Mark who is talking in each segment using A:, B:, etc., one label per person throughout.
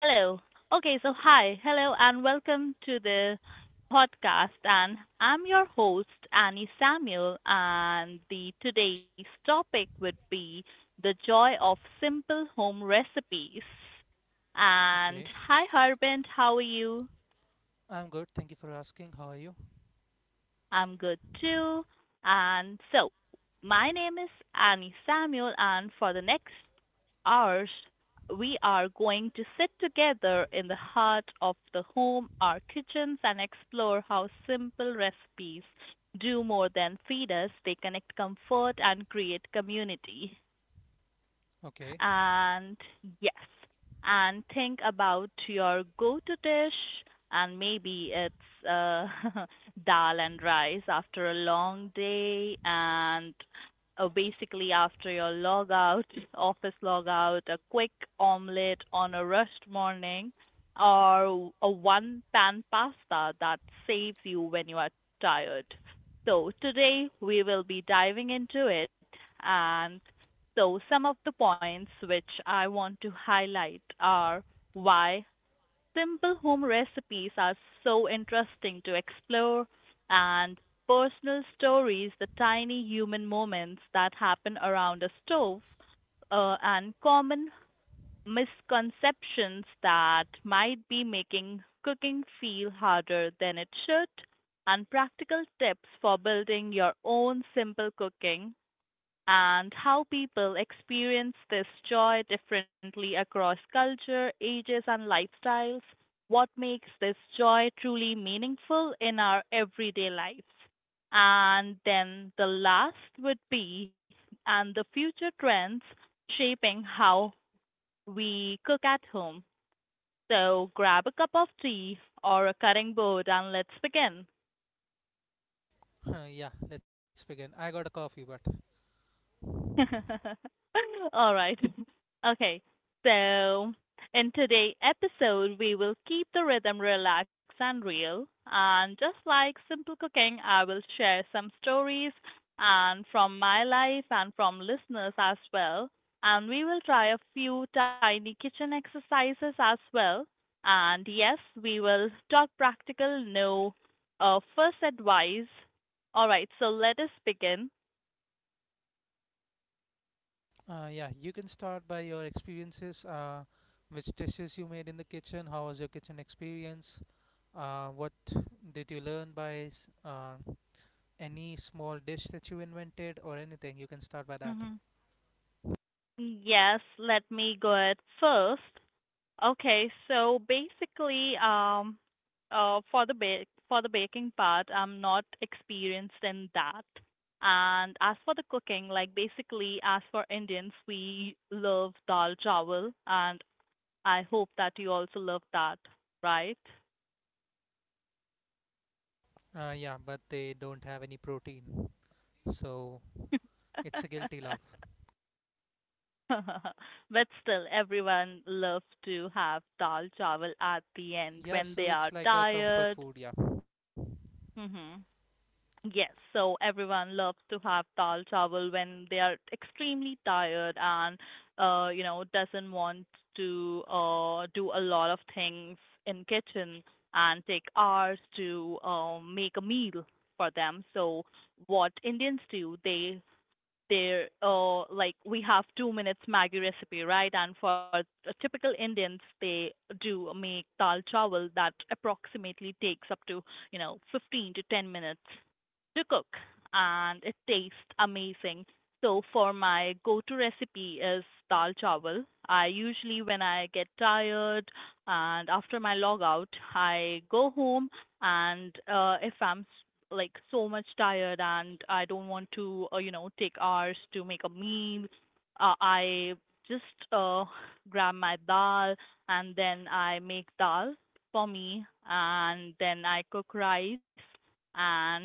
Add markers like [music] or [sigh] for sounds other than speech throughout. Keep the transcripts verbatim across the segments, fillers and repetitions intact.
A: Hello. Okay, so hi. Hello and welcome to the podcast, and I'm your host Annie Samuel, and the today's topic would be the joy of simple home recipes. And
B: Okay.
A: hi Harbint, how are you?
B: I'm good. Thank you for asking. How are you?
A: I'm good too. And so, my name is Annie Samuel, and for the next hours, we are going to sit together in the heart of the home, our kitchens, and explore how simple recipes do more than feed us: they connect, comfort, and create community.
B: Okay. [laughs]
A: And yes, and think about your go-to dish, and maybe it's uh, [laughs] dal and rice after a long day, and uh, basically after your log out, [laughs] office log out, a quick omelette on a rushed morning, or a one-pan pasta that saves you when you are tired. So today we will be diving into it, and so, some of the points which I want to highlight are: why simple home recipes are so interesting to explore, and personal stories, the tiny human moments that happen around a stove, uh, and common misconceptions that might be making cooking feel harder than it should, and practical tips for building your own simple cooking, and how people experience this joy differently across culture, ages, and lifestyles. What makes this joy truly meaningful in our everyday lives? And then the last would be, and the future trends shaping how we cook at home. So grab a cup of tea or a cutting board and let's begin.
B: Uh, yeah, let's begin. I got a coffee, but.
A: [laughs] All right. [laughs] Okay. So in today's episode, we will keep the rhythm relaxed and real. And just like simple cooking, I will share some stories and from my life and from listeners as well. And we will try a few tiny kitchen exercises as well. And yes, we will talk practical, no uh, first advice. All right, so let us begin.
B: Uh, yeah, you can start by your experiences. Uh, which dishes you made in the kitchen? How was your kitchen experience? Uh, what did you learn by s- uh, any small dish that you invented or anything? You can start by that.
A: Mm-hmm. Yes, let me go ahead first. Okay, so basically, um, uh, for the ba- for the baking part, I'm not experienced in that. And as for the cooking, like basically, as for Indians, we love dal chawal, and I hope that you also love that, right?
B: Uh, yeah, but they don't have any protein, so it's a guilty love.
A: [laughs] [laughs] But still, everyone loves to have dal chawal at the end
B: Yeah,
A: when
B: so
A: they
B: it's
A: are
B: like a comfort
A: tired.
B: food. Yeah.
A: hmm Yes, so everyone loves to have dal chawal when they are extremely tired, and uh, you know, doesn't want to uh, do a lot of things in kitchen and take hours to um, make a meal for them. So what Indians do, they there uh like we have two minutes Maggi recipe, right? And for the typical Indians, they do make dal chawal that approximately takes up to you know fifteen to ten minutes to cook, and it tastes amazing. So for my go-to recipe is dal chawal. I usually, when I get tired and after my log out, I go home, and uh, if I'm like so much tired and I don't want to, uh, you know, take hours to make a meal, Uh, I just uh, grab my dal and then I make dal for me, and then I cook rice. And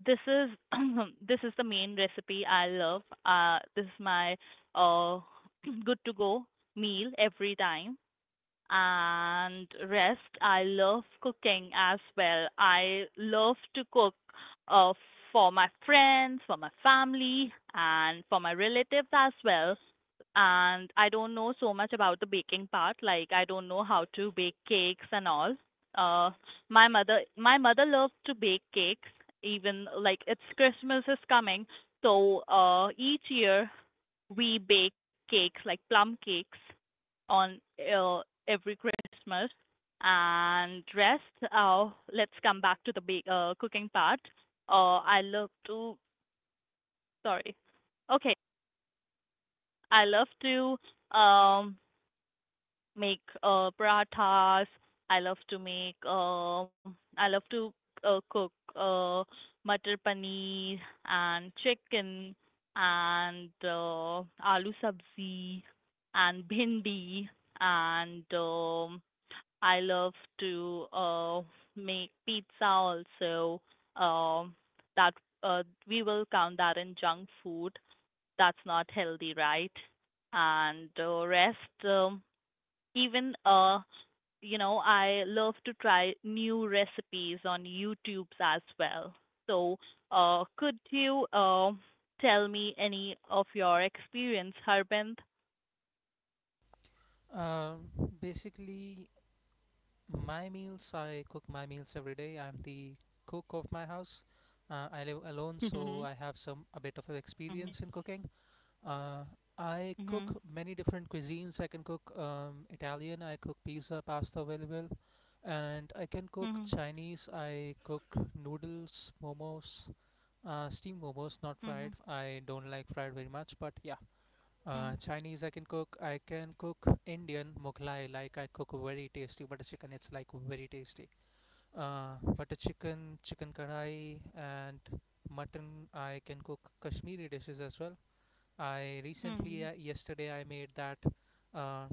A: this is [clears throat] this is the main recipe I love. Uh, this is my uh, [clears throat] good to go meal every time. And rest, I love cooking as well. I love to cook uh, for my friends, for my family, and for my relatives as well. And I don't know so much about the baking part. Like, I don't know how to bake cakes and all. uh my mother my mother loves to bake cakes. Even like it's Christmas is coming, so uh each year we bake cakes like plum cakes on uh, every Christmas. And rest, uh, let's come back to the ba- uh, cooking part. Uh, I love to, sorry. Okay, I love to um make uh parathas. I love to make um I love to uh, cook uh matar paneer and chicken and uh, aloo sabzi and bhindi, and um I love to uh, make pizza also. Um, that uh, we will count that in junk food. That's not healthy, right? And uh, rest, um, even uh, you know, I love to try new recipes on YouTube as well. So uh, could you uh, tell me any of your experience, Harbin? [laughs]
B: Uh, basically, my meals, I cook my meals every day. I'm the cook of my house. Uh, I live alone, so I have some a bit of a
A: Mhm.
B: experience in cooking. Uh, I cook
A: Mhm.
B: many different cuisines. I can cook um, Italian. I cook pizza, pasta very well, and I can cook
A: Mhm. Mhm.
B: Chinese. I cook noodles, momos, uh, steamed momos, not fried.
A: Mhm.
B: I don't like fried very much, but yeah. Uh,
A: Mhm.
B: Chinese I can cook. I can cook Indian Mughlai. Like, I cook very tasty butter chicken. It's like very tasty. Uh, butter chicken, chicken kadai, and mutton. I can cook Kashmiri dishes as well. I recently uh,
A: Mhm.
B: yesterday I made that uh,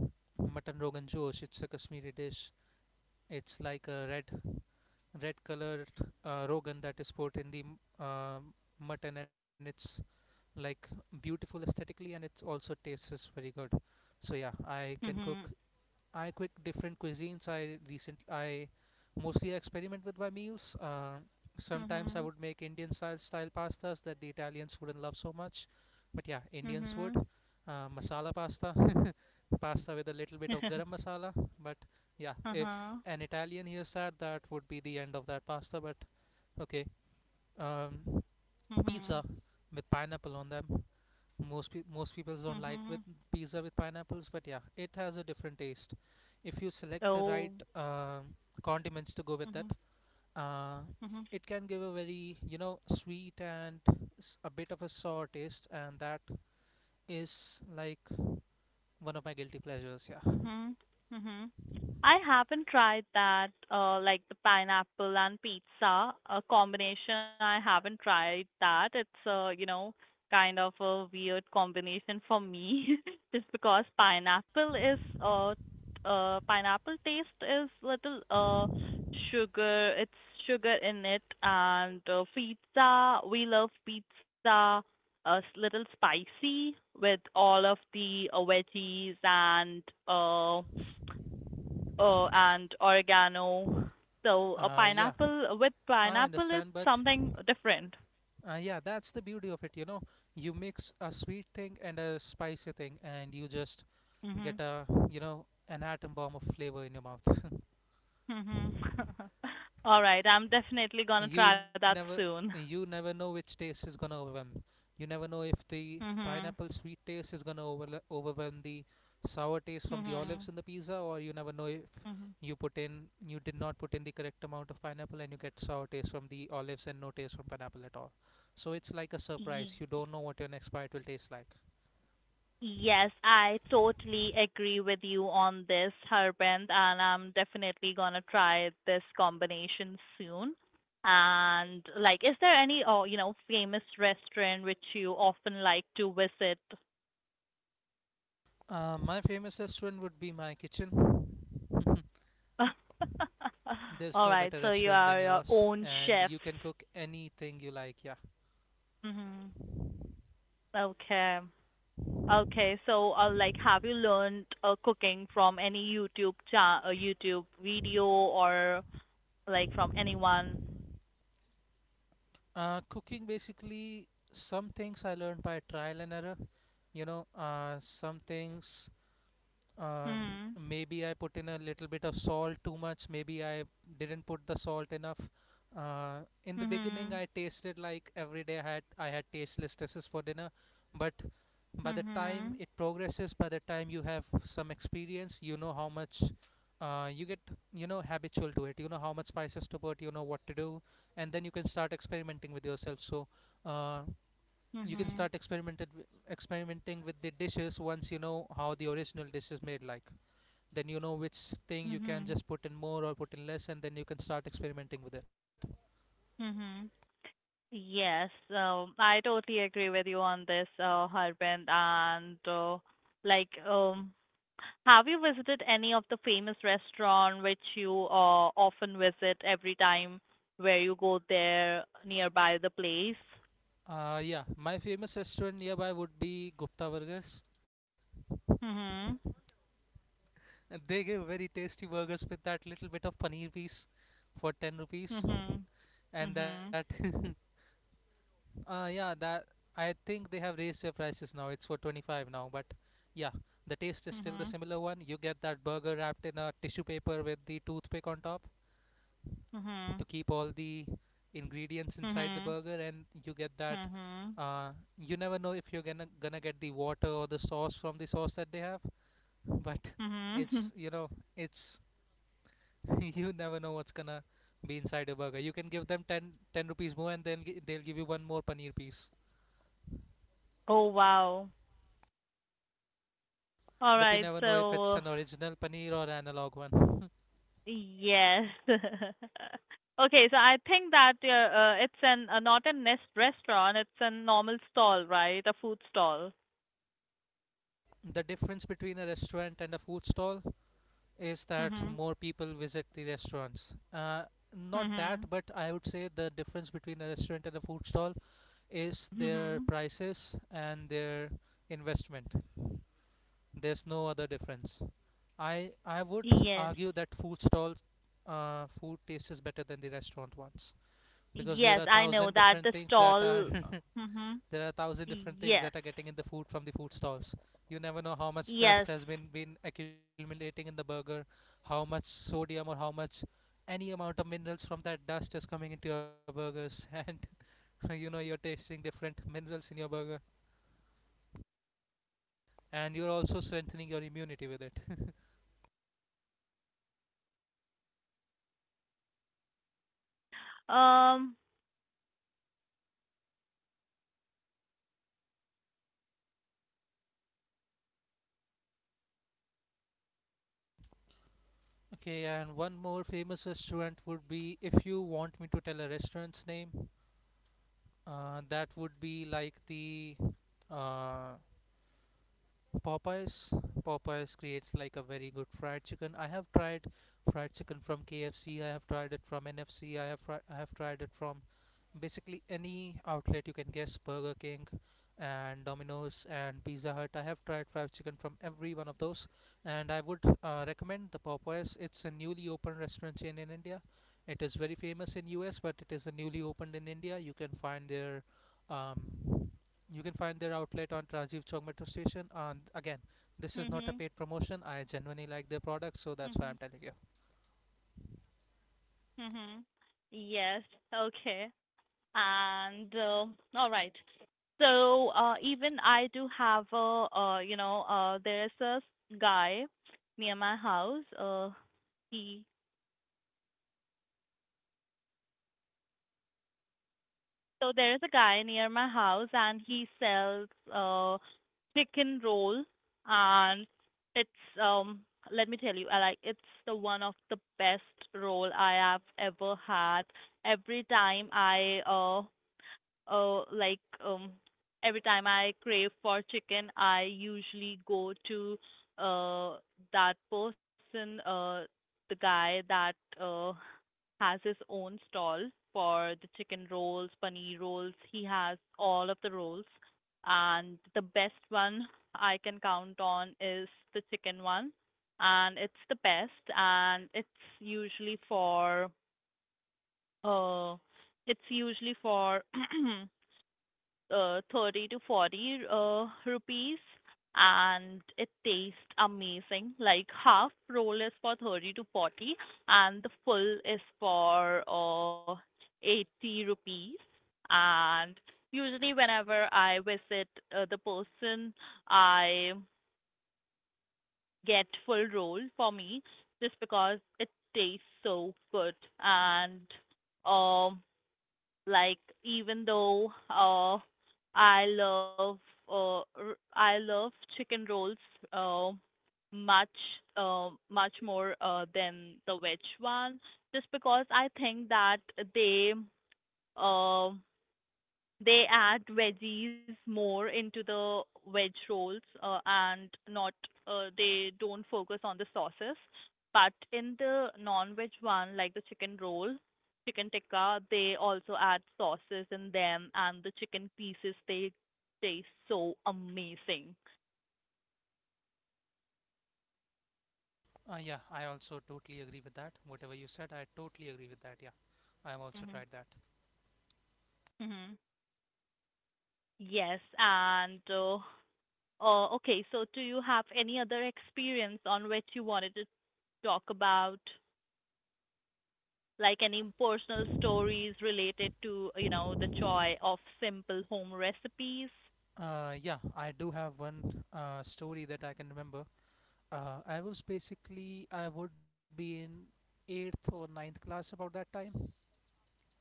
B: mutton rogan josh. It's a Kashmiri dish. It's like a red red colored uh, rogan that is put in the m- uh, mutton, and it's like beautiful aesthetically, and it's also tastes very good. So yeah, I can cook.
A: Mhm.
B: I cook different cuisines. I recent i mostly experiment with my meals. Uh, sometimes I
A: Mhm.
B: would make Indian style style pastas that the Italians wouldn't love so much, but yeah, Indians would.
A: Mhm.
B: Uh, masala pasta, [laughs] pasta with a little bit of garam
A: [laughs]
B: masala. But yeah, if
A: Uh-huh.
B: an Italian hears that, that would be the end of that pasta. But okay. um,
A: Mhm.
B: pizza with pineapple on them, most pe- most people don't like with
A: Mhm.
B: pizza with pineapples, but yeah, it has a different taste if you select the right
A: Oh.
B: uh, condiments to go with that.
A: Mhm.
B: uh,
A: Mhm.
B: it can give a very, you know, sweet and s- a bit of a sour taste, and that is like one of my guilty pleasures. Yeah.
A: Mhm. Mhm. I haven't tried that, uh, like the pineapple and pizza, a combination. I haven't tried that. It's uh, you know, kind of a weird combination for me, [laughs] just because pineapple is, uh, uh, pineapple taste is little, uh, sugar. It's sugar in it, and uh, pizza. We love pizza a s- little spicy with all of the uh, veggies and uh, uh and oregano. So a
B: Uh, yeah,
A: pineapple with
B: I
A: pineapple is
B: understand, but
A: something different.
B: uh, yeah, that's the beauty of it, you know. You mix a sweet thing and a spicy thing and you just get
A: Mhm.
B: a, you know, an atom bomb of flavor in your mouth.
A: Mhm. [laughs] All right, I'm definitely gonna
B: You
A: try that
B: never
A: soon.
B: you never know which taste is gonna overwhelm. You never know if the
A: Mhm.
B: pineapple sweet taste is gonna overla overwhelm the sour taste from the olives
A: Mhm.
B: in the pizza, or you never know if you put in you did not put in the correct amount of pineapple and you get sour taste from the olives and no taste from pineapple at all. So it's like a surprise.
A: Mhm.
B: You don't know what your next bite will taste like.
A: Yes, I totally agree with you on this, Harbend, and I'm definitely gonna try this combination soon. And like, is there any, oh, you know, famous restaurant which you often like to visit?
B: Uh, my famous restaurant would be my kitchen. [laughs]
A: [laughs]
B: There's
A: All
B: no
A: right,
B: better
A: so you
B: restaurant than
A: are your
B: yours,
A: own
B: and
A: chef.
B: you can cook anything you like. Yeah.
A: Hmm. Okay. Okay, so uh, like, have you learned uh, cooking from any YouTube cha uh, YouTube video or like from anyone?
B: Uh, cooking basically, some things I learned by trial and error. You know, uh, some things, um,
A: Hmm.
B: maybe I put in a little bit of salt too much. Maybe I didn't put the salt enough. Uh, in the beginning,
A: Mhm.
B: I tasted like every day I had I had tasteless dishes for dinner, but by the time
A: Mhm.
B: it progresses, by the time you have some experience, you know how much uh, you get, you know, habitual to it. You know how much spices to put. You know what to do, and then you can start experimenting with yourself. So. Uh, you can
A: Mhm.
B: start experimented experimenting with the dishes once you know how the original dish is made. Like, then you know which thing you can
A: Mhm.
B: just put in more or put in less, and then you can start experimenting with it.
A: Mhm. Yes, um, I totally agree with you on this, uh, Harbin. And uh, like, um, have you visited any of the famous restaurant which you uh, often visit every time where you go there nearby the place?
B: Uh, yeah, my famous restaurant nearby would be Gupta Burgers,
A: Mhm.
B: and they give very tasty burgers with that little bit of paneer piece for ten rupees.
A: Mhm.
B: And that,
A: Mhm.
B: [laughs] uh, yeah, that, I think they have raised their prices now. It's for twenty-five now, but yeah, the taste is still the
A: Mhm.
B: similar one. You get that burger wrapped in a tissue paper with the toothpick on top to
A: Mhm.
B: keep all the ingredients inside the
A: Mhm.
B: burger, and you get that
A: Mhm.
B: uh, you never know if you're gonna gonna get the water or the sauce from the sauce that they have. But it's,
A: Mhm. [laughs]
B: you know, it's, [laughs] you never know what's gonna be inside a burger. You can give them ten, ten rupees more, and then g- they'll give you one more paneer piece.
A: Oh wow. All
B: But you
A: right,
B: never know if it's
A: so
B: an original paneer or analog one.
A: yes. [laughs] Okay, so I think that uh, uh, it's an uh, not a nest restaurant, it's a normal stall, right? A food stall.
B: The difference between a restaurant and a food stall is that
A: Mhm.
B: more people visit the restaurants. Uh, not that,
A: Mhm.
B: but I would say the difference between a restaurant and a food stall is their
A: Mhm.
B: prices and their investment. There's no other difference. I I would
A: Yes.
B: argue that food stalls uh, food tastes better than the restaurant ones, because
A: Yes,
B: there are
A: I know
B: thousand
A: that the
B: different things that are—
A: stall. Mhm.
B: [laughs] There are a thousand different things
A: Yes.
B: that are getting in the food from the food stalls. You never know how much dust
A: Yes.
B: has been been accumulating in the burger, how much sodium, or how much any amount of minerals from that dust is coming into your burgers, [laughs] and you know you're tasting different minerals in your burger, and you're also strengthening your immunity with it. [laughs]
A: Um.
B: Okay, and one more famous restaurant would be, if you want me to tell a restaurant's name, uh, that would be like the uh, Popeyes. Popeyes creates like a very good fried chicken. I have tried fried chicken from K F C. I have tried it from N F C. I have fri- I have tried it from basically any outlet you can guess, Burger King and Domino's and Pizza Hut. I have tried fried chicken from every one of those, and I would uh, recommend the Popeyes. It's a newly opened restaurant chain in India. It is very famous in U S, but it is a newly opened in India. You can find their um, you can find their outlet on Rajiv Chowk Metro Station. And again, this is not
A: Mhm.
B: a paid promotion. I genuinely like their products, so that's why
A: Mhm.
B: I'm telling you.
A: Mhm. Yes. Okay. And uh, all right. So uh, even I do have a uh, you know uh, there is a guy near my house. Uh, he so there is a guy near my house and he sells uh, chicken roll, and it's um let me tell you, I like it's the one of the best roll I have ever had. Every time I uh uh, like um, every time I crave for chicken, I usually go to uh, that person, uh, the guy that uh, has his own stall for the chicken rolls, paneer rolls. He has all of the rolls, and the best one I can count on is the chicken one, and it's the best, and it's usually for uh, it's usually for [coughs] [clears throat] uh, thirty to forty uh, rupees, and it tastes amazing. Like half roll is for thirty to forty and the full is for uh, eighty rupees. And usually whenever I visit uh, the person, I get full roll for me just because it tastes so good. And um like, even though uh, I love uh, r- I love chicken rolls uh, much uh, much more uh, than the veg one, just because I think that they um they add veggies more into the veg rolls, uh, and not uh, they don't focus on the sauces. But in the non-veg one, like the chicken roll, chicken tikka, they also add sauces in them, and the chicken pieces they taste so amazing.
B: Uh, yeah, I also totally agree with that. Whatever you said, I totally agree with that. Yeah, I've also
A: Mhm.
B: tried that.
A: Mhm. Yes. And uh, uh, okay, so do you have any other experience on which you wanted to talk about, like any personal stories related to, you know, the joy of simple home recipes?
B: Uh, yeah, I do have one uh, story that I can remember. Uh, I was basically, I would be in eighth or ninth class about that time,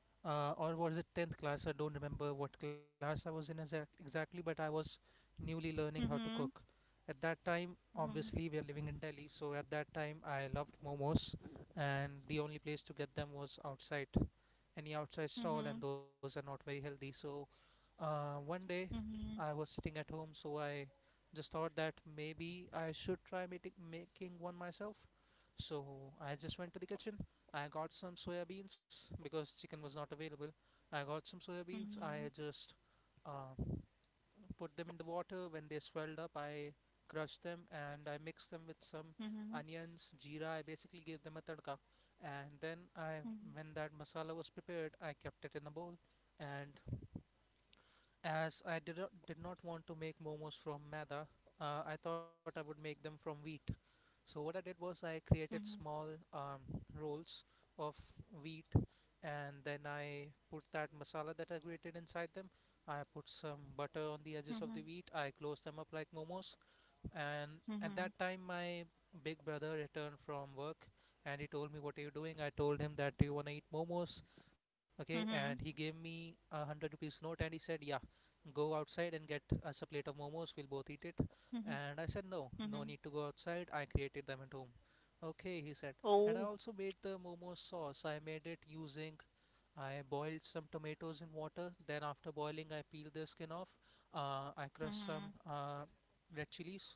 B: uh, or was it tenth class? I don't remember what class I was in exact- exactly, but I was newly learning how to cook.
A: Mhm.
B: At that time,
A: Mhm.
B: obviously, we are living in Delhi, so at that time, I loved momos, and the only place to get them was outside any outside stall, and
A: Mhm.
B: those are not very healthy. So uh, one day I
A: Mhm.
B: was sitting at home, so I just thought that maybe I should try making making one myself. So I just went to the kitchen. I got some soya beans because chicken was not available. I got some soya beans. I
A: Mhm.
B: just uh, put them in the water. When they swelled up, I crushed them and I mixed them with some
A: Mhm.
B: onions, jeera. I basically gave them a tadka. And then I,
A: Mhm.
B: when that masala was prepared, I kept it in a bowl, and as I did not, did not want to make momos from maida, uh, I thought I would make them from wheat. So what I did was I created
A: Mhm.
B: small um, rolls of wheat, and then I put that masala that I created inside them. I put some butter on the edges of the wheat. I closed them up like momos, and at
A: Mhm.
B: that time my big brother returned from work and he told me, what are you doing? I told him that, do you want to eat momos? Okay,
A: Mhm.
B: and he
A: Mhm.
B: gave me a hundred rupees note and he said, yeah, go outside and get us a plate of momos, we'll both eat it.
A: Mhm.
B: And I said, no, no
A: Mhm.
B: need to go outside, I created them at home. Okay, he said. And I
A: Oh.
B: also made the momo sauce. I made it using, I boiled some tomatoes in water, then after boiling I peeled the skin off. uh, I crushed some
A: Mhm.
B: uh, red chilies,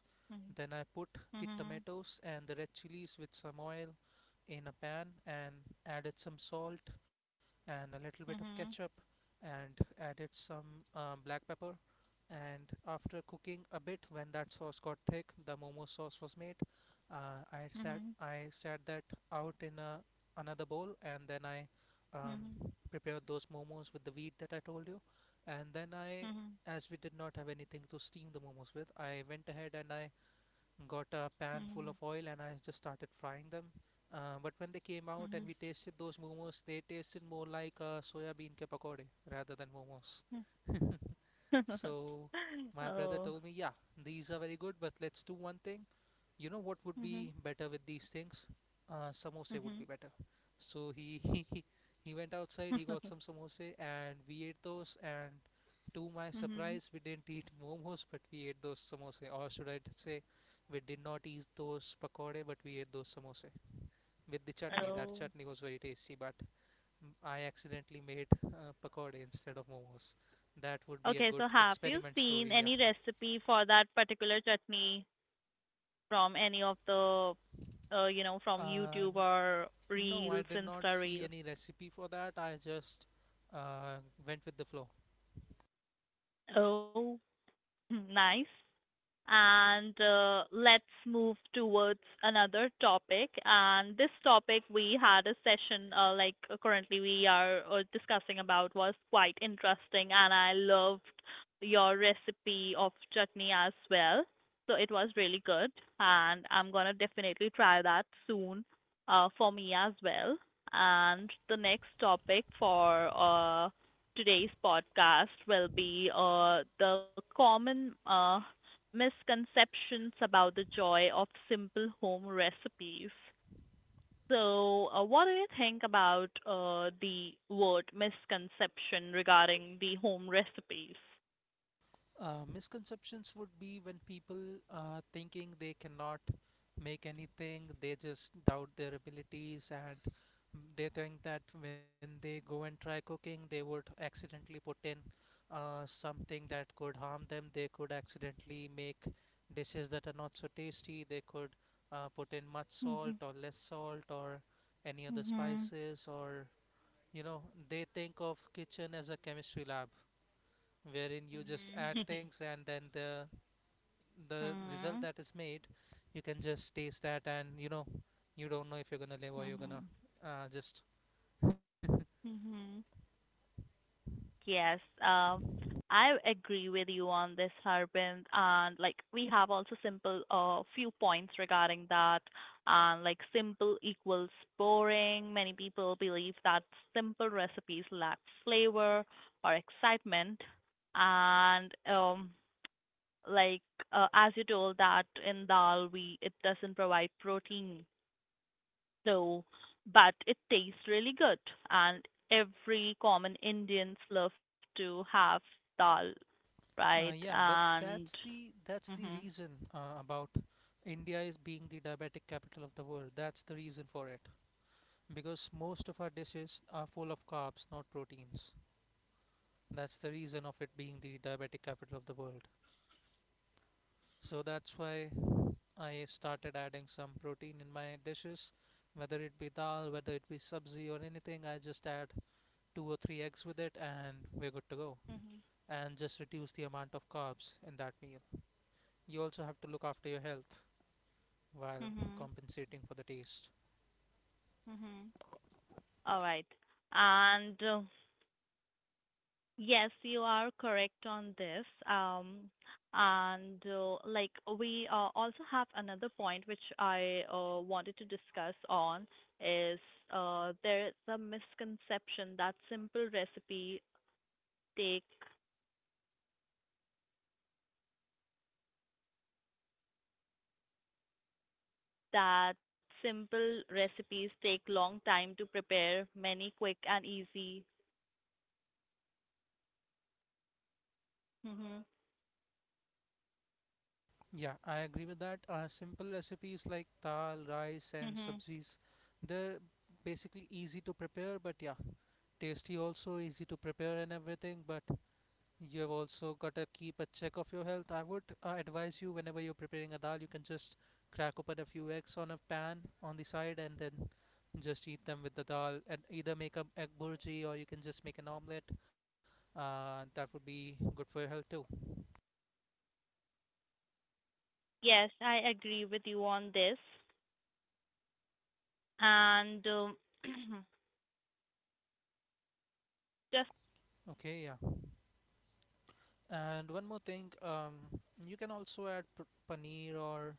B: then I put the
A: Mhm.
B: tomatoes and the red chilies with some oil in a pan and added some salt and a little bit of ketchup,
A: Mhm.
B: and added some uh, black pepper. And after cooking a bit, when that sauce got thick, the momo sauce was made. uh, I sat
A: Mhm.
B: I sat that out in a, another bowl, and then I um,
A: Mhm.
B: prepared those momos with the wheat that I told you. And then I,
A: Mhm.
B: as we did not have anything to steam the momos with, I went ahead and I got a pan full
A: Mhm.
B: of oil and I just started frying them. Uh, but when they came
A: Mhm.
B: out and
A: Mhm.
B: we tasted those momos, they tasted more like uh, soya bean ke pakode rather than momos.
A: Mhm. [laughs]
B: So my brother
A: Oh.
B: told me, yeah, these are very good, but let's do one thing. You know what would
A: Mhm.
B: be better with these things? Uh, samosa would
A: Mhm.
B: be better. So he, [laughs] he he went outside, he got some
A: [laughs]
B: samosa, and we ate those. And to my
A: Mhm.
B: surprise, we didn't eat momos, but we ate those samosa. Or should I say, we did not eat those pakode, but we ate those samosa with the chutney. That
A: Oh.
B: chutney was very tasty, but Mm, I accidentally made uh, pakode instead of momos. That would be a
A: Okay,
B: good
A: so have you
B: experiment
A: seen
B: story, yeah.
A: any recipe for that particular chutney from any of the, uh, you know, from
B: Uh,
A: YouTube or
B: no, I
A: Reels,
B: did not
A: Insta
B: see
A: Reels?
B: any recipe for that. I just uh, went with the flow.
A: Oh, [laughs] nice. And uh, let's move towards another topic. And this topic we had a session, uh, like uh, currently we are uh, discussing about, was quite interesting, and I loved your recipe of chutney as well, so it was really good, and I'm going to definitely try that soon uh, for me as well. And the next topic for uh, today's podcast will be uh, the common uh, misconceptions about the joy of simple home recipes. So uh, what do you think about uh, the word misconception regarding the home recipes?
B: Uh, misconceptions would be when people are thinking they cannot make anything, they just doubt their abilities, and they think that when they go and try cooking, they would accidentally put in uh, something that could harm them. They could accidentally make dishes that are not so tasty. They could uh, put in much
A: Hmm.
B: salt or less salt or any other
A: Hmm.
B: spices, or you know they think of kitchen as a chemistry lab, wherein you just add
A: Hmm.
B: things and then the the result
A: Hmm.
B: that is made, you can just taste that, and you know you don't know if you're gonna live or you're gonna uh, just.
A: Mm-hmm. [laughs] Yes, um, I agree with you on this, Harbin. And like, we have also simple uh few points regarding that. And like, simple equals boring. Many people believe that simple recipes lack flavor or excitement. And um like uh, as you told that in dal we it doesn't provide protein though, but it tastes really good. And every common Indians love to have dal, right?
B: Uh, yeah, but
A: And
B: that's the that's the
A: mhm,
B: reason uh, about India is being the diabetic capital of the world. That's the reason for it, because most of our dishes are full of carbs, not proteins. That's the reason of it being the diabetic capital of the world. So that's why I started adding some protein in my dishes, whether it be dal, whether it be sabzi or anything. I just add two or three eggs with it, and we're good to go.
A: mhm,
B: And just reduce the amount of carbs in that meal. You also have to look after your health while
A: mhm,
B: compensating for the taste.
A: mhm. All right. And uh, yes, you are correct on this. Um, and uh, like we uh, also have another point which I uh, wanted to discuss on is uh, there is a misconception that simple recipe take that simple recipes take long time to prepare, many quick and easy. Hmm.
B: Yeah, I agree with that. Uh, simple recipes like dal, rice, and
A: Hmm.
B: sabzis, they're basically easy to prepare, but yeah, tasty also, easy to prepare and everything. But you have also got to keep a check of your health. I would uh, advise you, whenever you're preparing a dal, you can just crack open a few eggs on a pan on the side and then just eat them with the dal, and either make a egg burji or you can just make an omelet, uh, that would be good for your health too.
A: Yes, I agree with you on this. And um, [clears throat] just
B: Okay, yeah. And one more thing, um, you can also add p- paneer or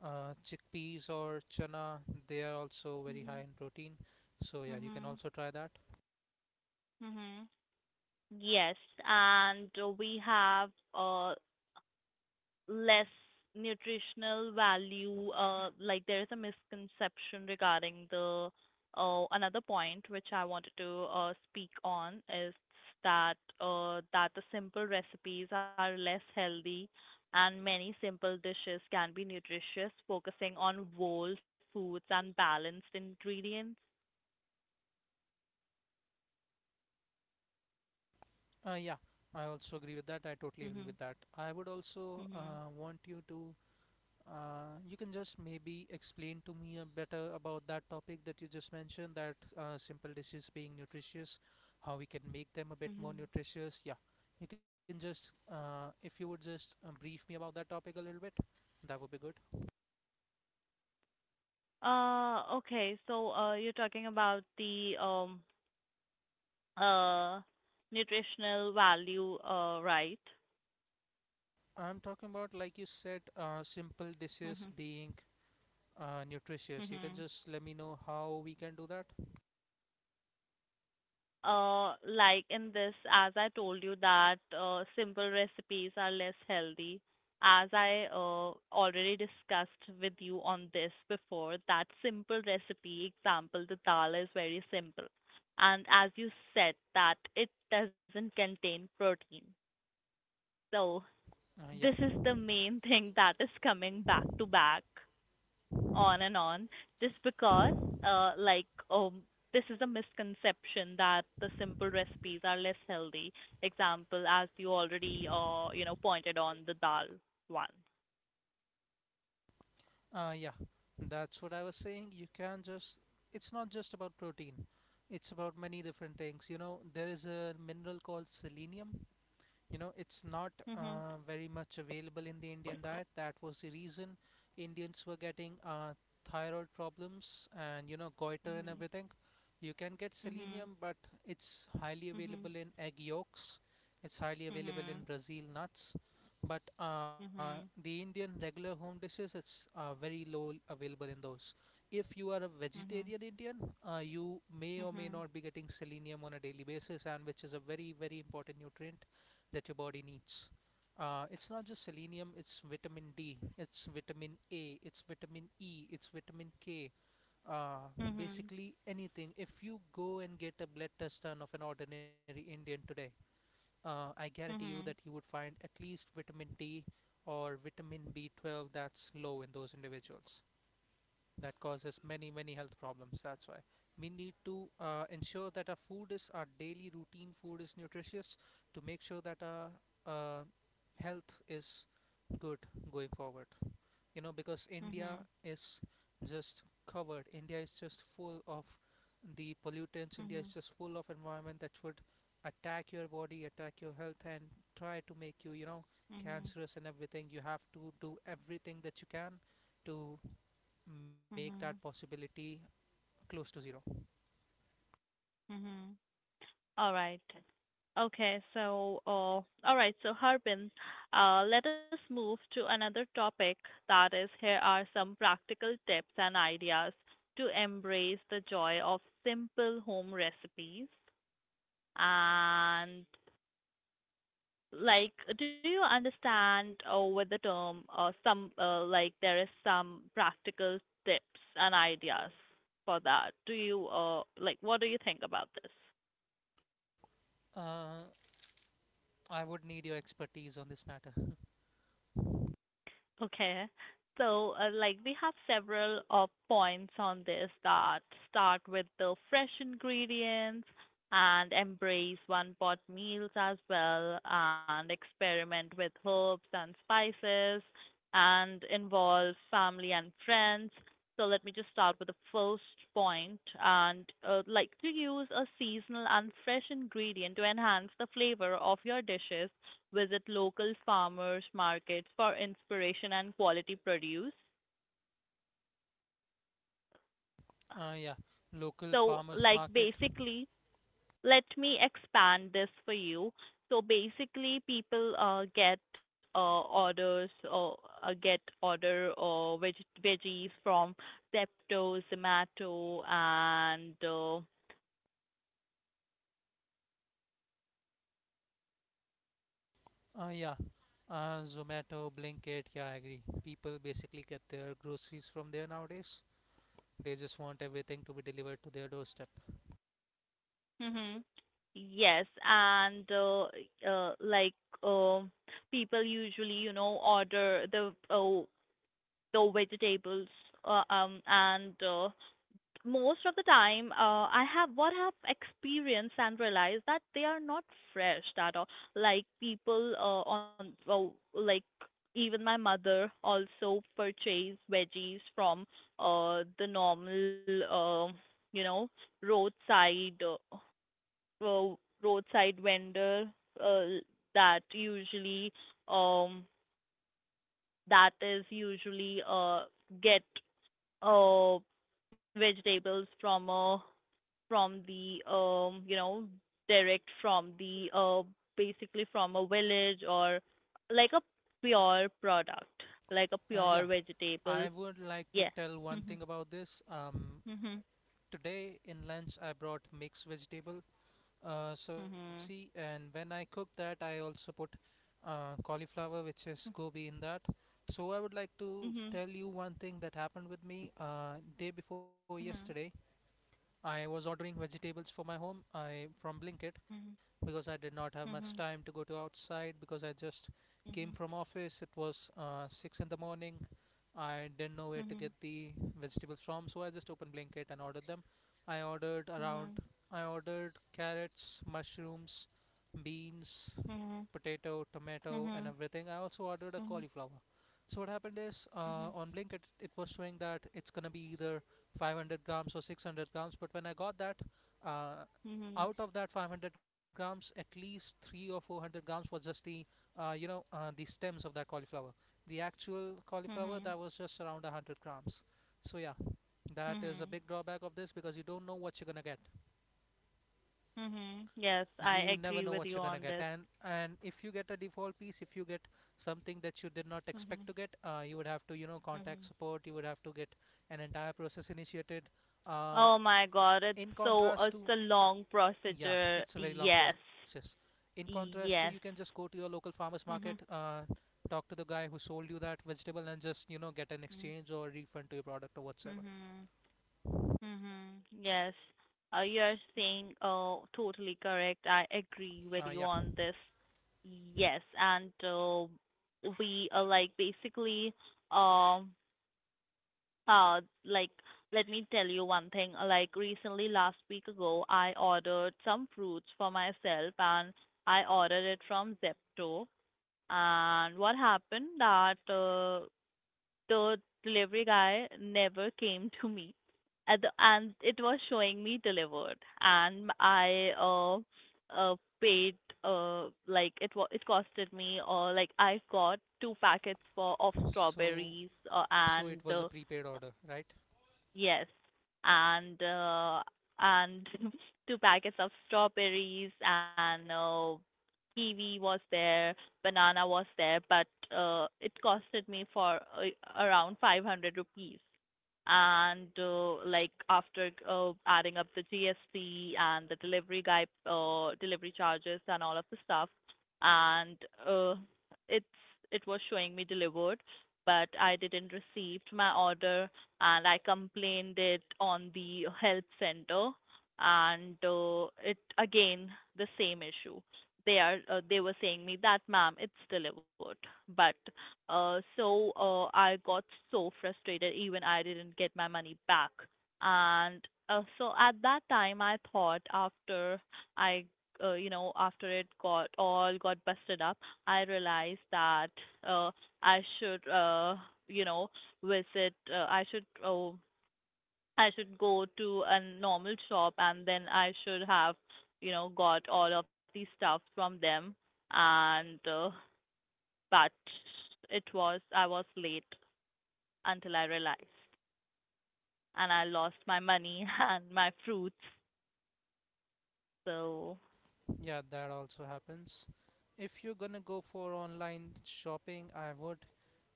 B: uh, chickpeas or chana. They are also very high
A: hmm.
B: in protein. So yeah, you can
A: Hmm.
B: also try that.
A: Hmm. Yes, and uh, we have uh, less nutritional value, uh, like there is a misconception regarding the uh, Another point which I wanted to uh, speak on is that uh, that the simple recipes are less healthy, and many simple dishes can be nutritious, focusing on whole foods and balanced ingredients.
B: Uh, yeah, I also agree with that. I totally agree
A: Mhm.
B: with that. I would also
A: Mhm.
B: uh, want you to. Uh, you can just maybe explain to me a better about that topic that you just mentioned, that uh, simple dishes being nutritious, how we can make them a bit more
A: Mhm.
B: nutritious. Yeah, you can just, uh, if you would just um, brief me about that topic a little bit, that would be good.
A: Uh, okay, so uh, you're talking about the um uh, nutritional value, uh, right?
B: I'm talking about, like you said, uh, simple dishes
A: Mhm.
B: being uh, nutritious. You
A: Mhm.
B: can just let me know how we can do that.
A: Uh, like in this, as I told you that uh, simple recipes are less healthy. As I uh, already discussed with you on this before, that simple recipe example, the dal is very simple, and as you said that it doesn't contain protein. So
B: Uh, yeah.
A: this is the main [laughs] thing that is coming back to back on and on just because uh like um this is a misconception that the simple recipes are less healthy, example as you already uh you know pointed on the dal one.
B: Uh, yeah, that's what I was saying. You can just, it's not just about protein, it's about many different things. You know, there is a mineral called selenium. You know it's not
A: Mhm.
B: uh, very much available in the Indian diet. That was the reason Indians were getting uh, thyroid problems and you know goiter and
A: Mhm.
B: everything. You can get
A: Mhm.
B: selenium, but it's highly available in egg yolks, it's highly available in
A: Mhm.
B: Brazil nuts. But uh,
A: Mhm.
B: the Indian regular home dishes, it's uh, very low available in those. If you are a
A: Mhm.
B: vegetarian Indian, uh, you may or may not be getting selenium on a daily basis, and which is a very very important nutrient that your body needs. Uh, it's not just selenium, it's vitamin D, it's vitamin A, it's vitamin E, it's vitamin K. Uh,
A: Mhm. Mhm.
B: basically, anything. If you go and get a blood test done of an ordinary Indian today, uh, I guarantee
A: Mhm.
B: you that
A: Mhm.
B: you would find at least vitamin D or vitamin B twelve that's low in those individuals, that causes many many health problems. That's why we need to uh, ensure that our food is, our daily routine food is nutritious, to make sure that our uh, health is good going forward. You know, because India is just covered, India is just full of the pollutants, India is
A: Mhm.
B: just full of environment that would attack your body, attack your health, and try to make you, you know
A: Mhm. Mhm.
B: cancerous and everything. You have to do everything that you can to make that
A: Mhm.
B: possibility close to zero.
A: Mhm. All right. Okay, so uh, all right, so Harbin, uh, let us move to another topic. That is, here are some practical tips and ideas to embrace the joy of simple home recipes. And like, do you understand uh, with the term uh, some uh, like there is some practical tips and ideas for that? Do you uh, like what do you think about this?
B: Uh, I would need your expertise on this matter.
A: Okay. So, uh, like, we have several uh, points on this: that start with the fresh ingredients, and embrace one pot meals as well, and experiment with herbs and spices, and involve family and friends. So, let me just start with the first point, and uh, like to use a seasonal and fresh ingredient to enhance the flavor of your dishes. Visit local farmers markets for inspiration and quality produce.
B: Uh, yeah, local
A: So,
B: farmers
A: like
B: market.
A: basically, let me expand this for you. So basically, people uh, get uh, orders or uh, get order or veg veggies from Zepto, Zomato, and uh,
B: Uh, yeah, uh, Zomato, Blinkit. Yeah, I agree. People basically get their groceries from there nowadays. They just want everything to be delivered to their doorstep.
A: hmm. Yes, and uh, uh, like uh, people usually you know order the uh, no vegetables, uh, um and uh, most of the time uh, I have what I have experienced and realized, that they are not fresh at all. Like people uh, on well, like even my mother also purchased veggies from uh the normal uh, you know, roadside uh, uh, roadside vendor uh, that usually um that is usually uh get uh vegetables from, uh from the um you know, direct from the uh basically from a village, or like a pure product, like a
B: Uh, yeah,
A: pure vegetable.
B: I would like to
A: Yeah.
B: tell one
A: Mhm.
B: thing about this. Um,
A: Mhm.
B: today in lunch I brought mixed vegetable uh, sabzi,
A: Mhm.
B: and when I cooked that, I also put uh, cauliflower, which is gobi in that. So I would like to
A: Mhm.
B: tell you one thing that happened with me uh, day before yesterday.
A: Mhm.
B: I was ordering vegetables for my home I from Blinkit, because I did not have much
A: Mhm.
B: time to
A: Mhm.
B: go to outside, because I just came from office. It was uh, six in the morning. I didn't know where to get
A: Mhm.
B: the vegetables from, so I just opened Blinkit and ordered them. I ordered around.
A: Mhm.
B: I ordered carrots, mushrooms, beans,
A: Mhm. Mhm.
B: potato, tomato,
A: Mhm.
B: and everything. I also ordered a
A: Mhm.
B: cauliflower. So what happened is, uh, on Blinkit it was showing that it's gonna be either five hundred grams or six hundred grams, but when I got that, uh,
A: Mhm. Mhm.
B: out of that five hundred grams at least three or four hundred grams was just the uh, you know uh, the stems of that cauliflower. The actual
A: Mhm.
B: cauliflower, that was just around a hundred grams. So yeah, that
A: Mhm.
B: is a big drawback of this, because you don't know what you're gonna get.
A: Mhm. Yes, I
B: You never
A: agree
B: know
A: with
B: what
A: you
B: you're gonna
A: on
B: get.
A: this.
B: And and if you get a default piece, if you get something that you did not expect
A: Mhm.
B: to get, uh, you would have to, you know contact
A: Mhm.
B: support. You would have to get an entire process initiated. uh,
A: Oh my God, it's
B: in
A: so,
B: contrast
A: it's
B: to,
A: a long
B: yeah,
A: procedure.
B: it's a very long
A: Yes.
B: process. In contrast to, you can
A: Yes.
B: just go to your local farmers market,
A: Mhm.
B: uh, talk to the guy who sold you that vegetable, and just, you know get an
A: Mm.
B: exchange or refund to your product or whatsoever.
A: Mhm. Mhm. Yes. Uh, you're saying oh totally correct. I agree with
B: uh,
A: you
B: yeah
A: on this. Yes, and uh, we uh, like basically um Uh, like, Let me tell you one thing. uh, Like, recently, last week ago, I ordered some fruits for myself, and I ordered it from Zepto. And what happened that uh, the delivery guy never came to me. At the, and it was showing me delivered. And I uh, uh, paid, uh, like, it, wa- it costed me, uh, like, I got two packets for, of
B: so
A: strawberries uh,
B: so
A: and
B: it was a
A: uh,
B: prepaid order, right.
A: Yes, and uh, and [laughs] two packets of strawberries, and uh, kiwi was there, banana was there, but uh, it costed me for uh, around five hundred rupees. And uh, like after uh, adding up the G S T and the delivery guy, uh, delivery charges and all of the stuff, and uh, it's it was showing me delivered, but I didn't received my order, and I complained it on the help center. And uh, it again the same issue. They are uh, they were saying me that ma'am it's delivered, but uh, so uh, I got so frustrated, even I didn't get my money back. And uh, so at that time I thought, after I uh, you know, after it got all got busted up, I realized that uh, I should uh, you know, visit uh, I should oh I should go to a normal shop, and then I should have you know got all of these stuff from them. And uh, but it was, I was late until I realized, and I lost my money [laughs] and my fruits, so.
B: Yeah, that also happens. If you're gonna go for online shopping, I would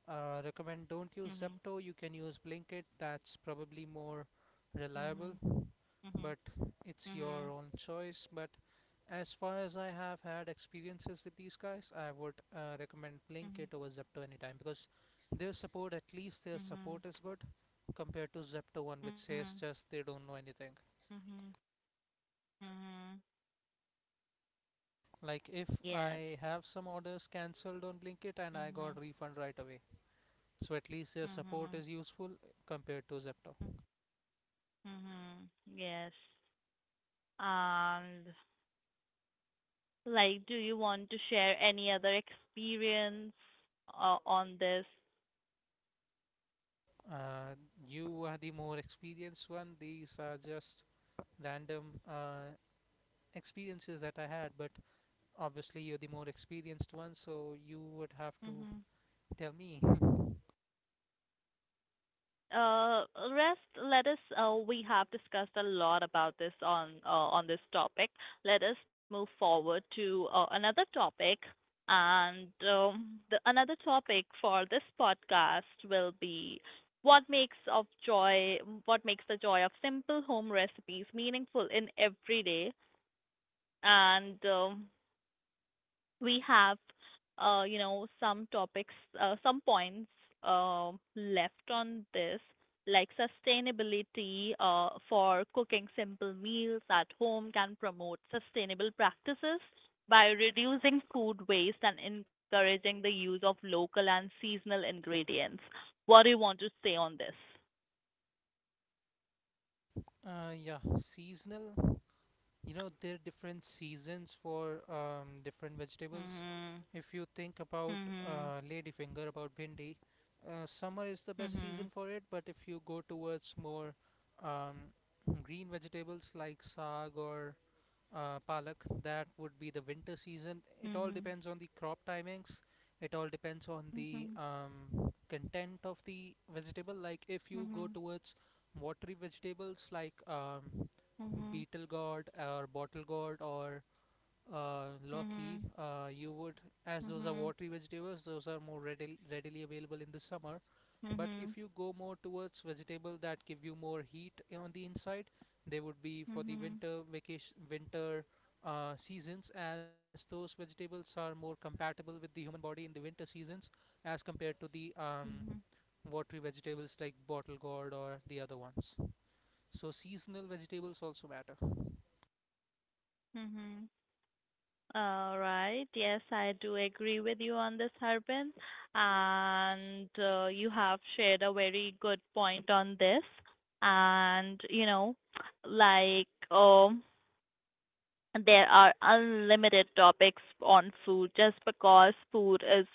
B: uh, recommend, don't use
A: Mhm.
B: Zepto, you can use Blinkit, that's probably more
A: Mhm.
B: reliable.
A: Mhm.
B: But it's your
A: Mhm.
B: own choice. But as far as I have had experiences with these guys, I would uh, recommend
A: Mhm.
B: Blinkit over Zepto anytime, because their support, at least their
A: Mhm.
B: support, is good compared to Zepto one, which
A: Mhm.
B: says, just they don't know anything.
A: Mhm. Mhm.
B: Like if
A: Yes.
B: I have some orders cancelled on Blinkit, and I got
A: Mhm.
B: refund right away, so at least their support
A: Mhm.
B: is useful compared to Zepto.
A: Mhm. Yes. And like, do you want to share any other experience uh, on this?
B: Uh, you are the more experienced one. These are just random uh, experiences that I had, but obviously you're the more experienced one, so you would have to
A: Hmm.
B: tell me.
A: Uh, Rest, let us, uh, we have discussed a lot about this on uh, on this topic. Let us move forward to uh, another topic. And um, the another topic for this podcast will be what makes of joy, what makes the joy of simple home recipes meaningful in everyday. And um, we have uh, you know some topics uh, some points uh, left on this, like sustainability. Uh, for cooking simple meals at home can promote sustainable practices by reducing food waste and encouraging the use of local and seasonal ingredients. What do you want to say on this?
B: [laughs] uh yeah, seasonal, you know, there are different seasons for um different vegetables.
A: Mhm.
B: If you think about
A: Mhm.
B: uh ladyfinger, about bhindi, uh, summer is the best
A: Mhm.
B: season for it. But if you go towards more um green vegetables like saag or uh, Palak, that would be the winter season. It all
A: Mhm.
B: depends on the crop timings. It all depends on
A: Mhm.
B: the um, content of the vegetable. Like if you
A: Mhm.
B: go towards watery vegetables like um,
A: Mhm.
B: beetle gourd or bottle gourd or uh, loki,
A: Mhm.
B: uh, you would, as those are
A: Mhm.
B: watery vegetables, those are more readily readily available in the summer. But if
A: Mhm.
B: you go more towards vegetable that give you more heat on the inside, they would be for the
A: Mhm.
B: winter vacation winter uh, seasons, as those vegetables are more compatible with the human body in the winter seasons as compared to the um,
A: Mhm.
B: watery vegetables like bottle gourd or the other ones. So seasonal vegetables also matter.
A: Mhm. All right. Yes, I do agree with you on this, Harbin. And uh, you have shared a very good point on this. And, you know, like, um, there are unlimited topics on food, just because food is,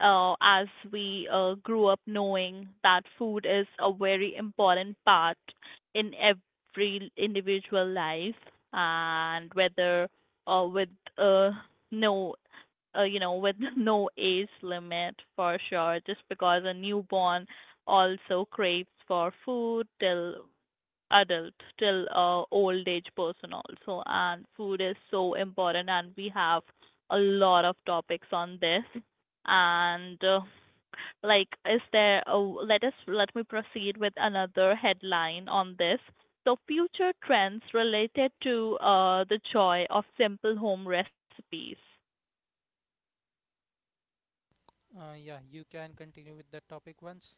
A: uh, as we uh, grew up knowing that food is a very important part in every individual life. And whether uh, with uh, no uh, you know, with [laughs] no age limit for sure, just because a newborn also craves for food, till adult, till uh, old age person also. And food is so important, and we have a lot of topics on this. And uh, like is there a, let us Let me proceed with another headline on this, so future trends related to uh, the joy of simple home recipes.
B: Uh, yeah, you can continue with that topic once,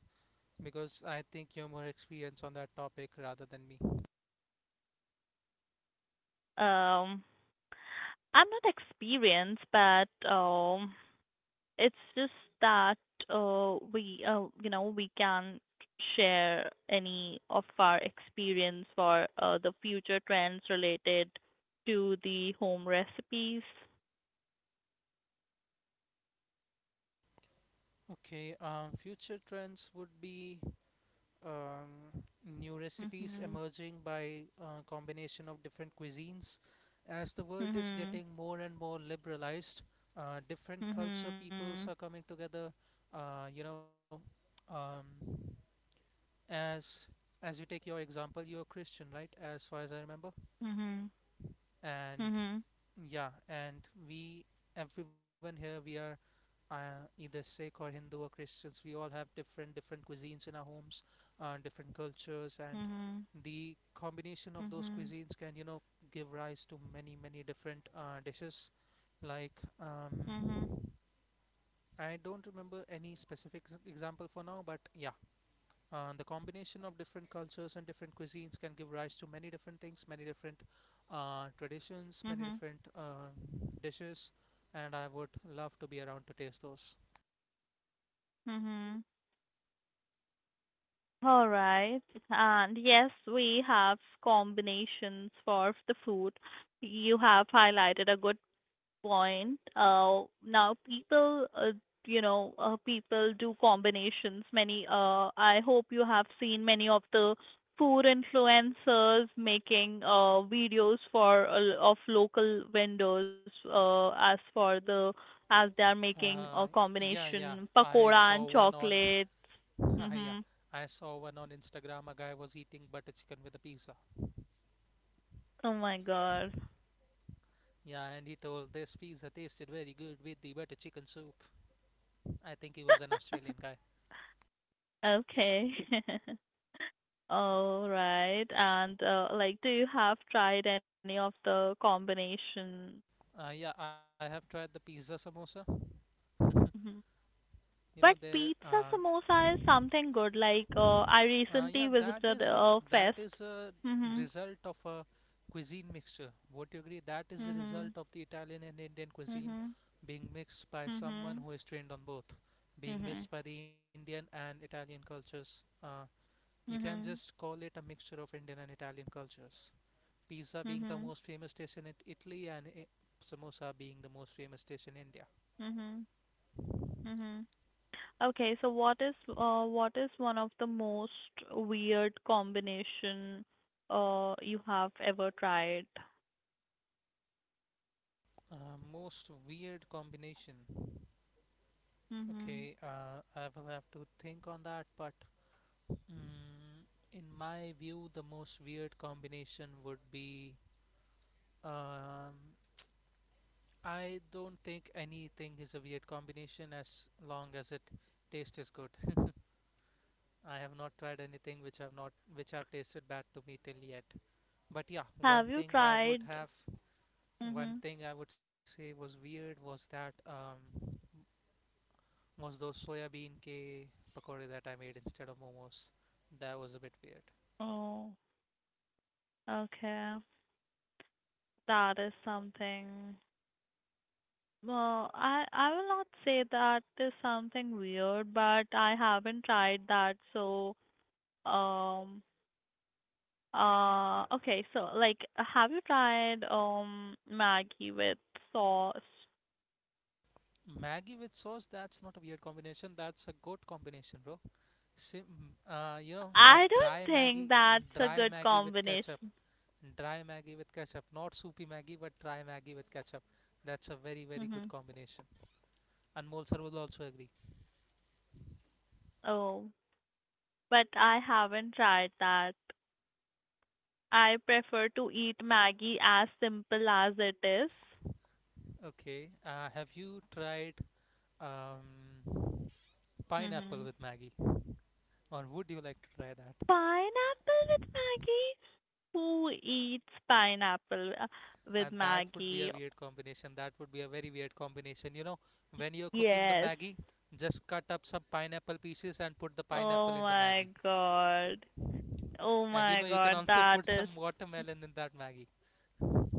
B: because I think you're more experienced on that topic rather than me.
A: Um, I'm not experienced, but um, it's just that uh, we, uh, you know, we can share any of our experience for uh, the future trends related to the home recipes.
B: Okay, um, future trends would be um, new recipes
A: Mhm.
B: emerging by uh, combination of different cuisines. As the world is
A: Mhm.
B: getting more and more liberalized, uh, different culture
A: Mhm.
B: peoples are coming together. Uh, you know, um, as as you take your example, you're a Christian, right? As far as I remember,
A: Mhm.
B: and
A: Mhm.
B: yeah, and we, everyone here, we are uh, either Sikh or Hindu or Christians. We all have different different cuisines in our homes, uh, different cultures, and
A: Mhm.
B: the combination of those
A: Mhm.
B: cuisines can, you know, give rise to many many different uh, dishes. Like, um,
A: Mhm.
B: I don't remember any specific s- example for now, but yeah, uh, the combination of different cultures and different cuisines can give rise to many different things, many different uh, traditions, many
A: Mhm.
B: different uh, dishes, and I would love to be around to taste those.
A: Mhm. All right. And yes, we have combinations for the food. You have highlighted a good point. Uh, now people, uh, you know, uh, people do combinations. Many, uh, I hope you have seen many of the food influencers making uh, videos for uh, of local vendors, uh, as for the as they are making a
B: Uh, yeah, yeah.
A: combination
B: I
A: pakoda
B: saw
A: and
B: one on,
A: chocolates.
B: [laughs] yeah,
A: Mhm.
B: I saw one on Instagram. A guy was eating butter chicken with a pizza.
A: Oh my god.
B: Yeah, and he told this pizza tasted very good with the butter chicken soup. I think he was an Australian
A: [laughs]
B: guy.
A: Okay. [laughs] All right. And uh, like, do you have tried any of the combination?
B: Uh, yeah, I have tried the pizza samosa.
A: Mhm.
B: You know,
A: But
B: there.
A: pizza
B: Uh,
A: samosa is something good. Like, uh, I
B: Uh,
A: recently
B: yeah, that
A: visited
B: is a,
A: a
B: that
A: fest.
B: is a
A: Mhm.
B: result of a cuisine mixture. Would you agree? That is a result
A: Mhm.
B: of the Italian and Indian cuisine
A: Mhm.
B: being mixed by someone
A: Mhm.
B: who is trained on both, being
A: Mhm.
B: mixed by the Indian and Italian cultures. Uh, you can just
A: Mhm.
B: call it a mixture of Indian and Italian cultures. Pizza being the
A: Mhm.
B: most famous dish in it- Italy and I- samosa being the most famous dish in India.
A: Mhm. Mhm. Okay, so what is uh what is one of the most weird combination uh you have ever tried?
B: Uh, most weird combination.
A: Mhm.
B: Okay, uh, I will have to think on that, but Mm, in my view, the most weird combination would be. Um, I don't think anything is a weird combination as long as it taste is good. I have not tried anything which I've not which I've tasted bad to me till yet. But yeah, one
A: Have you
B: thing I would
A: tried.
B: have, one
A: Mhm.
B: thing I would say was weird was that um, was those soya bean ke pakore that I made instead of momos. That was a bit weird.
A: Oh, okay. That is something. Well, I I will not say that is something weird, but I haven't tried that. So, um, uh, okay. So, like, have you tried um Maggie with sauce?
B: Maggie with sauce, that's not a weird combination. That's a good combination, bro. Sim, uh, you know that
A: I don't
B: dry Maggie,
A: think that's a
B: dry
A: good
B: Maggie with ketchup,
A: combination.
B: dry Maggie with ketchup, not soupy Maggie, but dry Maggie with ketchup. That's a very very good
A: Mhm.
B: combination. Anmol sir will also agree.
A: Oh, but I haven't tried that. I prefer to eat Maggie as simple as it is.
B: Okay, uh, have you tried um,
A: Mhm.
B: pineapple with Maggie, or would you like to try that?
A: Pineapple with Maggie? Who eats pineapple uh, with
B: And that would be a
A: Maggie?
B: weird combination. That would be a very weird combination. You know, when you're cooking the
A: Yes.
B: maggi, just cut up some pineapple pieces and put the pineapple
A: Oh
B: in the maggi.
A: my god. Oh
B: And you
A: my
B: know, you can
A: god.
B: also
A: That
B: put
A: is.
B: some watermelon in that maggi.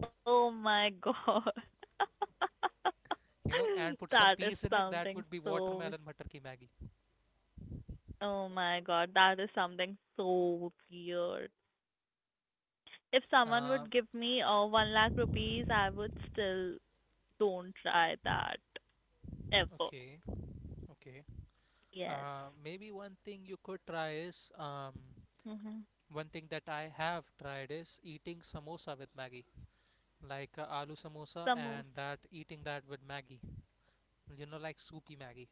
A: Oh my god. [laughs]
B: You know, and put some
A: That
B: peas
A: is
B: in it. That would
A: something
B: be
A: so.
B: watermelon matar ki maggi.
A: Oh my god. That is something so weird. If someone
B: Uh,
A: would give me uh, one lakh rupees, I would still don't try that ever.
B: okay, okay.
A: Yes.
B: Uh, Maybe one thing you could try is um,
A: Mhm.
B: one thing that I have tried is eating samosa with maggi, like uh, aloo samosa, and
A: Samosa.
B: that eating that with maggi. You know, like soupy maggi.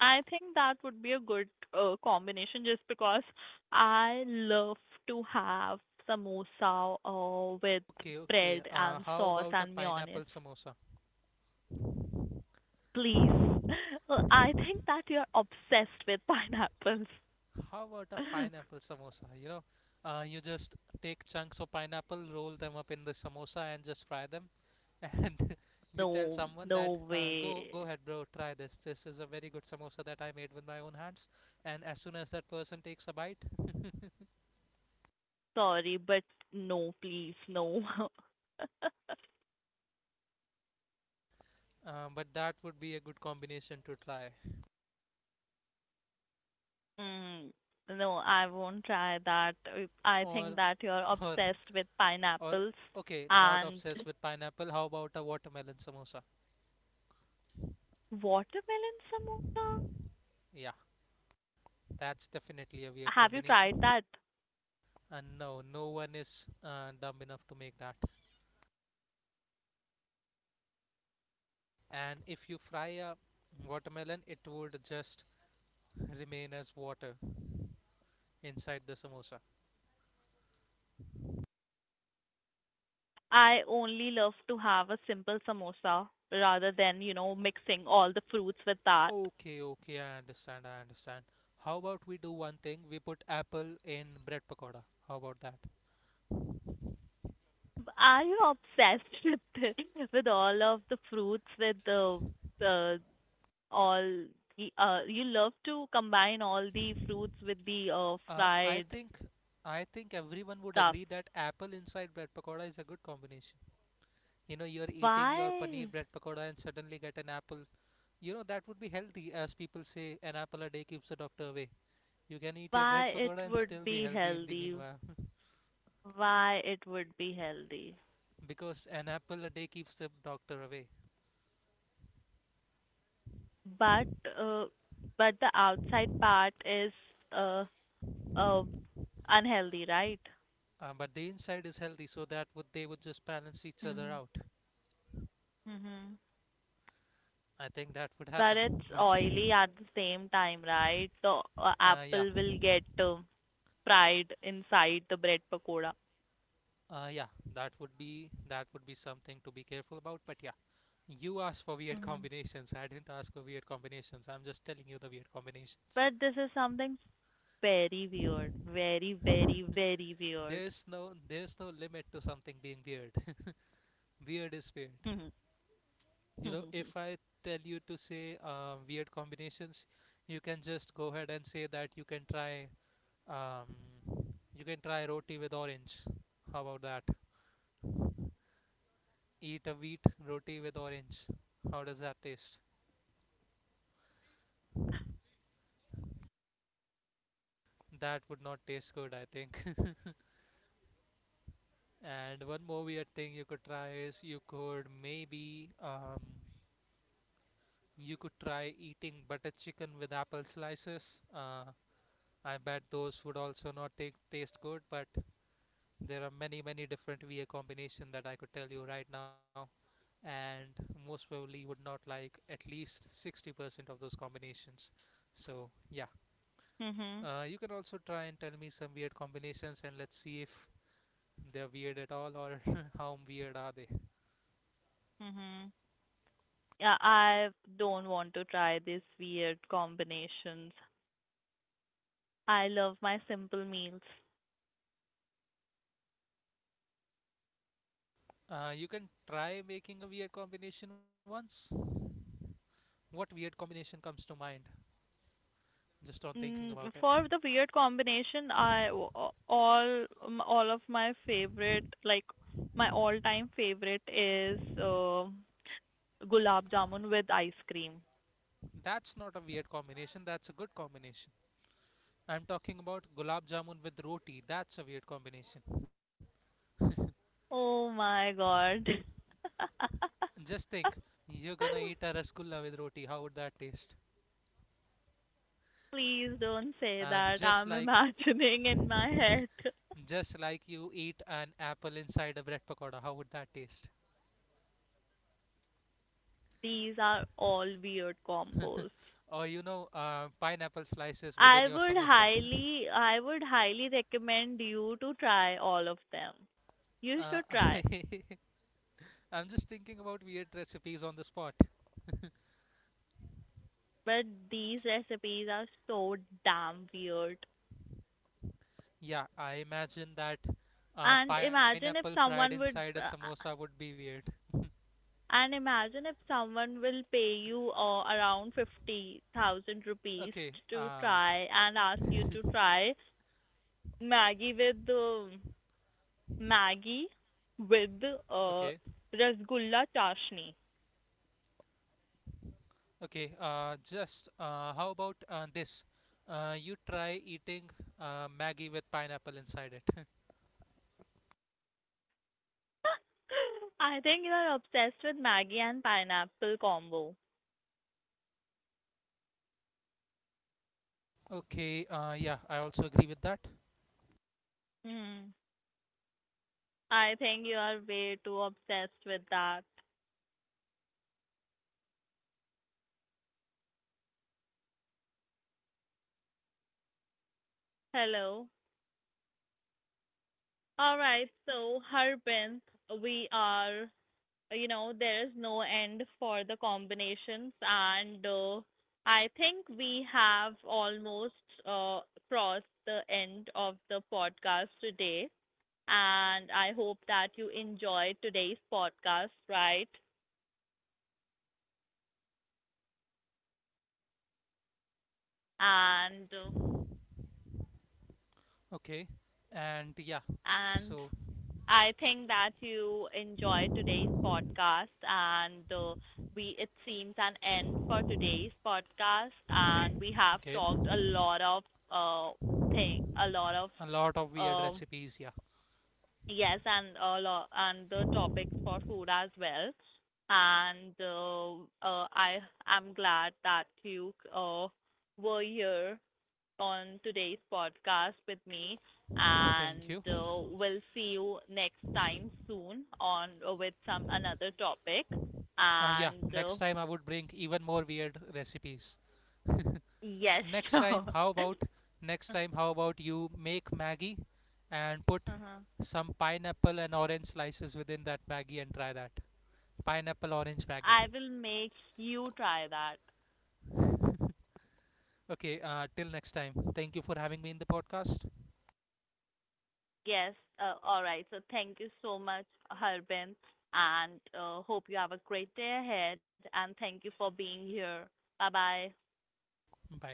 A: I think that would be a good uh, combination, just because I love to have samosa uh, with
B: Okay, okay.
A: bread
B: Uh,
A: and
B: How
A: sauce
B: about a
A: and mayonnaise.
B: pineapple samosa?
A: Please. [laughs] Well, I think that you're obsessed with pineapples.
B: How about a
A: [laughs]
B: pineapple samosa? You know, uh, you just take chunks of pineapple, roll them up in the samosa, and just fry them. [laughs] And you tell
A: No,
B: someone
A: no
B: that, uh, go,
A: way.
B: go ahead, bro, try this. This is a very good samosa that I made with my own hands. And as soon as that person takes a bite, [laughs]
A: Sorry, but no, please, no. [laughs]
B: uh, but that would be a good combination to try.
A: Mm, no, I won't try that. Uh, I think
B: Or,
A: that you're
B: or,
A: obsessed with
B: or.
A: pineapples
B: Okay, not
A: and
B: obsessed with pineapple. How about a watermelon samosa?
A: watermelon samosa.
B: Yeah, that's definitely a weird
A: Have you
B: combination.
A: tried that?
B: And no, no one is uh, dumb enough to make that. And if you fry a watermelon, it would just remain as water inside the samosa.
A: I only love to have a simple samosa, rather than, you know, mixing all the fruits with that.
B: Okay, okay, I understand, I understand. How about we do one thing? We put apple in bread pakoda. How about that?
A: Are you obsessed [laughs] with the- with all of the fruits with the the all the uh you love to combine all the fruits with the uh
B: Uh, I
A: fried
B: think I think everyone would
A: stuff.
B: agree that apple inside bread pakoda is a good combination. You know, you're eating your paneer
A: Why?
B: bread pakoda and suddenly get an apple. You know, that would be healthy, as people say, an apple a day keeps the doctor away. You can eat your bread
A: Why it
B: pagoda and
A: would
B: still be
A: be
B: healthy in the
A: healthy,
B: meanwhile,
A: Why it would be healthy?
B: [laughs] because an apple a day keeps the doctor away.
A: But uh, but the outside part is uh, uh, unhealthy, right?
B: Um, but the inside is healthy, so that would they would just balance each other
A: Mhm.
B: out.
A: Mhm.
B: I think that would
A: But
B: happen. [laughs]
A: it's
B: But
A: oily at the same time, right? The uh,
B: uh, yeah,
A: apple will get uh, fried inside the bread pakoda.
B: uh, yeah, that would be that would be something to be careful about. But yeah, you asked for weird
A: Mhm.
B: combinations. I didn't ask for weird combinations. I'm just telling you the weird combinations.
A: But this is something very weird, very very very weird.
B: There's no there's no limit to something being weird. [laughs] weird is weird.
A: [laughs] Mhm.
B: You know, if I tell you to say um, weird combinations, you can just go ahead and say that you can try um, you can try roti with orange. How about that? Eat a wheat roti with orange. How does that taste? That would not taste good, I think. [laughs] And one more weird thing you could try is you could maybe um, you could try eating butter chicken with apple slices. Uh, I bet those would also not take taste good, but there are many, many different V A combination that I could tell you right now, and most probably you would not like at least sixty percent of those combinations. So yeah,
A: Mhm.
B: uh, you can also try and tell me some weird combinations, and let's see if they're weird at all or [laughs] how weird are they.
A: Mhm. Yeah, I don't want to try these weird combinations. I love my simple meals.
B: Uh, you can try making a weird combination once. What weird combination comes to mind just on thinking
A: Mm,
B: about it?
A: for the weird combination, I o- o- all um, all of my favorite, like my all-time favorite is uh, gulab jamun with ice cream.
B: That's not a weird combination. That's a good combination. I'm talking about gulab jamun with roti. That's a weird combination.
A: Oh my God. [laughs]
B: Just think, you're gonna eat a rasgulla with roti. How would that taste?
A: Please don't say
B: And
A: that.
B: just
A: I'm [laughs]
B: like,
A: imagining in my head.
B: [laughs] just like you eat an apple inside a bread pakoda, how would that taste?
A: These are all weird combos.
B: Or you know, uh, pineapple slices within
A: I
B: your
A: would
B: samosa.
A: highly I would highly recommend you to try all of them. You
B: Uh,
A: should
B: [laughs] I,
A: try.
B: I'm just thinking about weird recipes on the spot.
A: But these recipes are so damn weird.
B: Yeah, I imagine that uh,
A: And
B: pineapple
A: imagine if
B: fried
A: someone
B: inside a
A: would uh,
B: samosa would be weird.
A: and imagine if someone will pay you uh, around fifty thousand rupees
B: Okay,
A: to
B: uh,
A: try and ask you to try Maggie with uh, Maggie with uh,
B: okay.
A: Rasgulla Chashni.
B: Okay, uh, just uh, how about uh, this? Uh, you try eating uh, Maggie with pineapple inside it. [laughs]
A: I think you are obsessed with Maggie and pineapple combo.
B: Okay, uh, yeah, I also agree with that.
A: Hmm. I think you are way too obsessed with that. Hello. All right. So, Harbin, we are, you know, there is no end for the combinations, and uh, I think we have almost uh, crossed the end of the podcast today. And I hope that you enjoyed today's podcast, right? And uh,
B: Okay, and yeah,
A: And
B: so
A: I think that you enjoyed today's podcast. And uh, we it seems an end for today's podcast. And we have
B: okay,
A: talked a lot of uh thing, a lot of
B: a lot of weird
A: um
B: recipes. Yeah,
A: yes, and a lot, and the topics for food as well. And uh, uh, I am glad that you uh, were here on today's podcast with me,
B: thank
A: and
B: you.
A: uh, we'll see you next time soon on uh, with some another topic.
B: Uh, yeah,
A: And
B: next
A: uh,
B: time I would bring even more weird recipes.
A: yes,
B: Next
A: [laughs]
B: time,
A: sure.
B: how about next time? How about you make Maggie and put
A: Uh-huh.
B: some pineapple and orange slices within that Maggie and try that pineapple orange Maggie.
A: I will make you try that.
B: [laughs] okay, uh, till next time. Thank you for having me in the podcast.
A: Yes, uh, all right. So thank you so much, Harbin, and uh, hope you have a great day ahead. And thank you for being here. Bye bye.
B: Bye.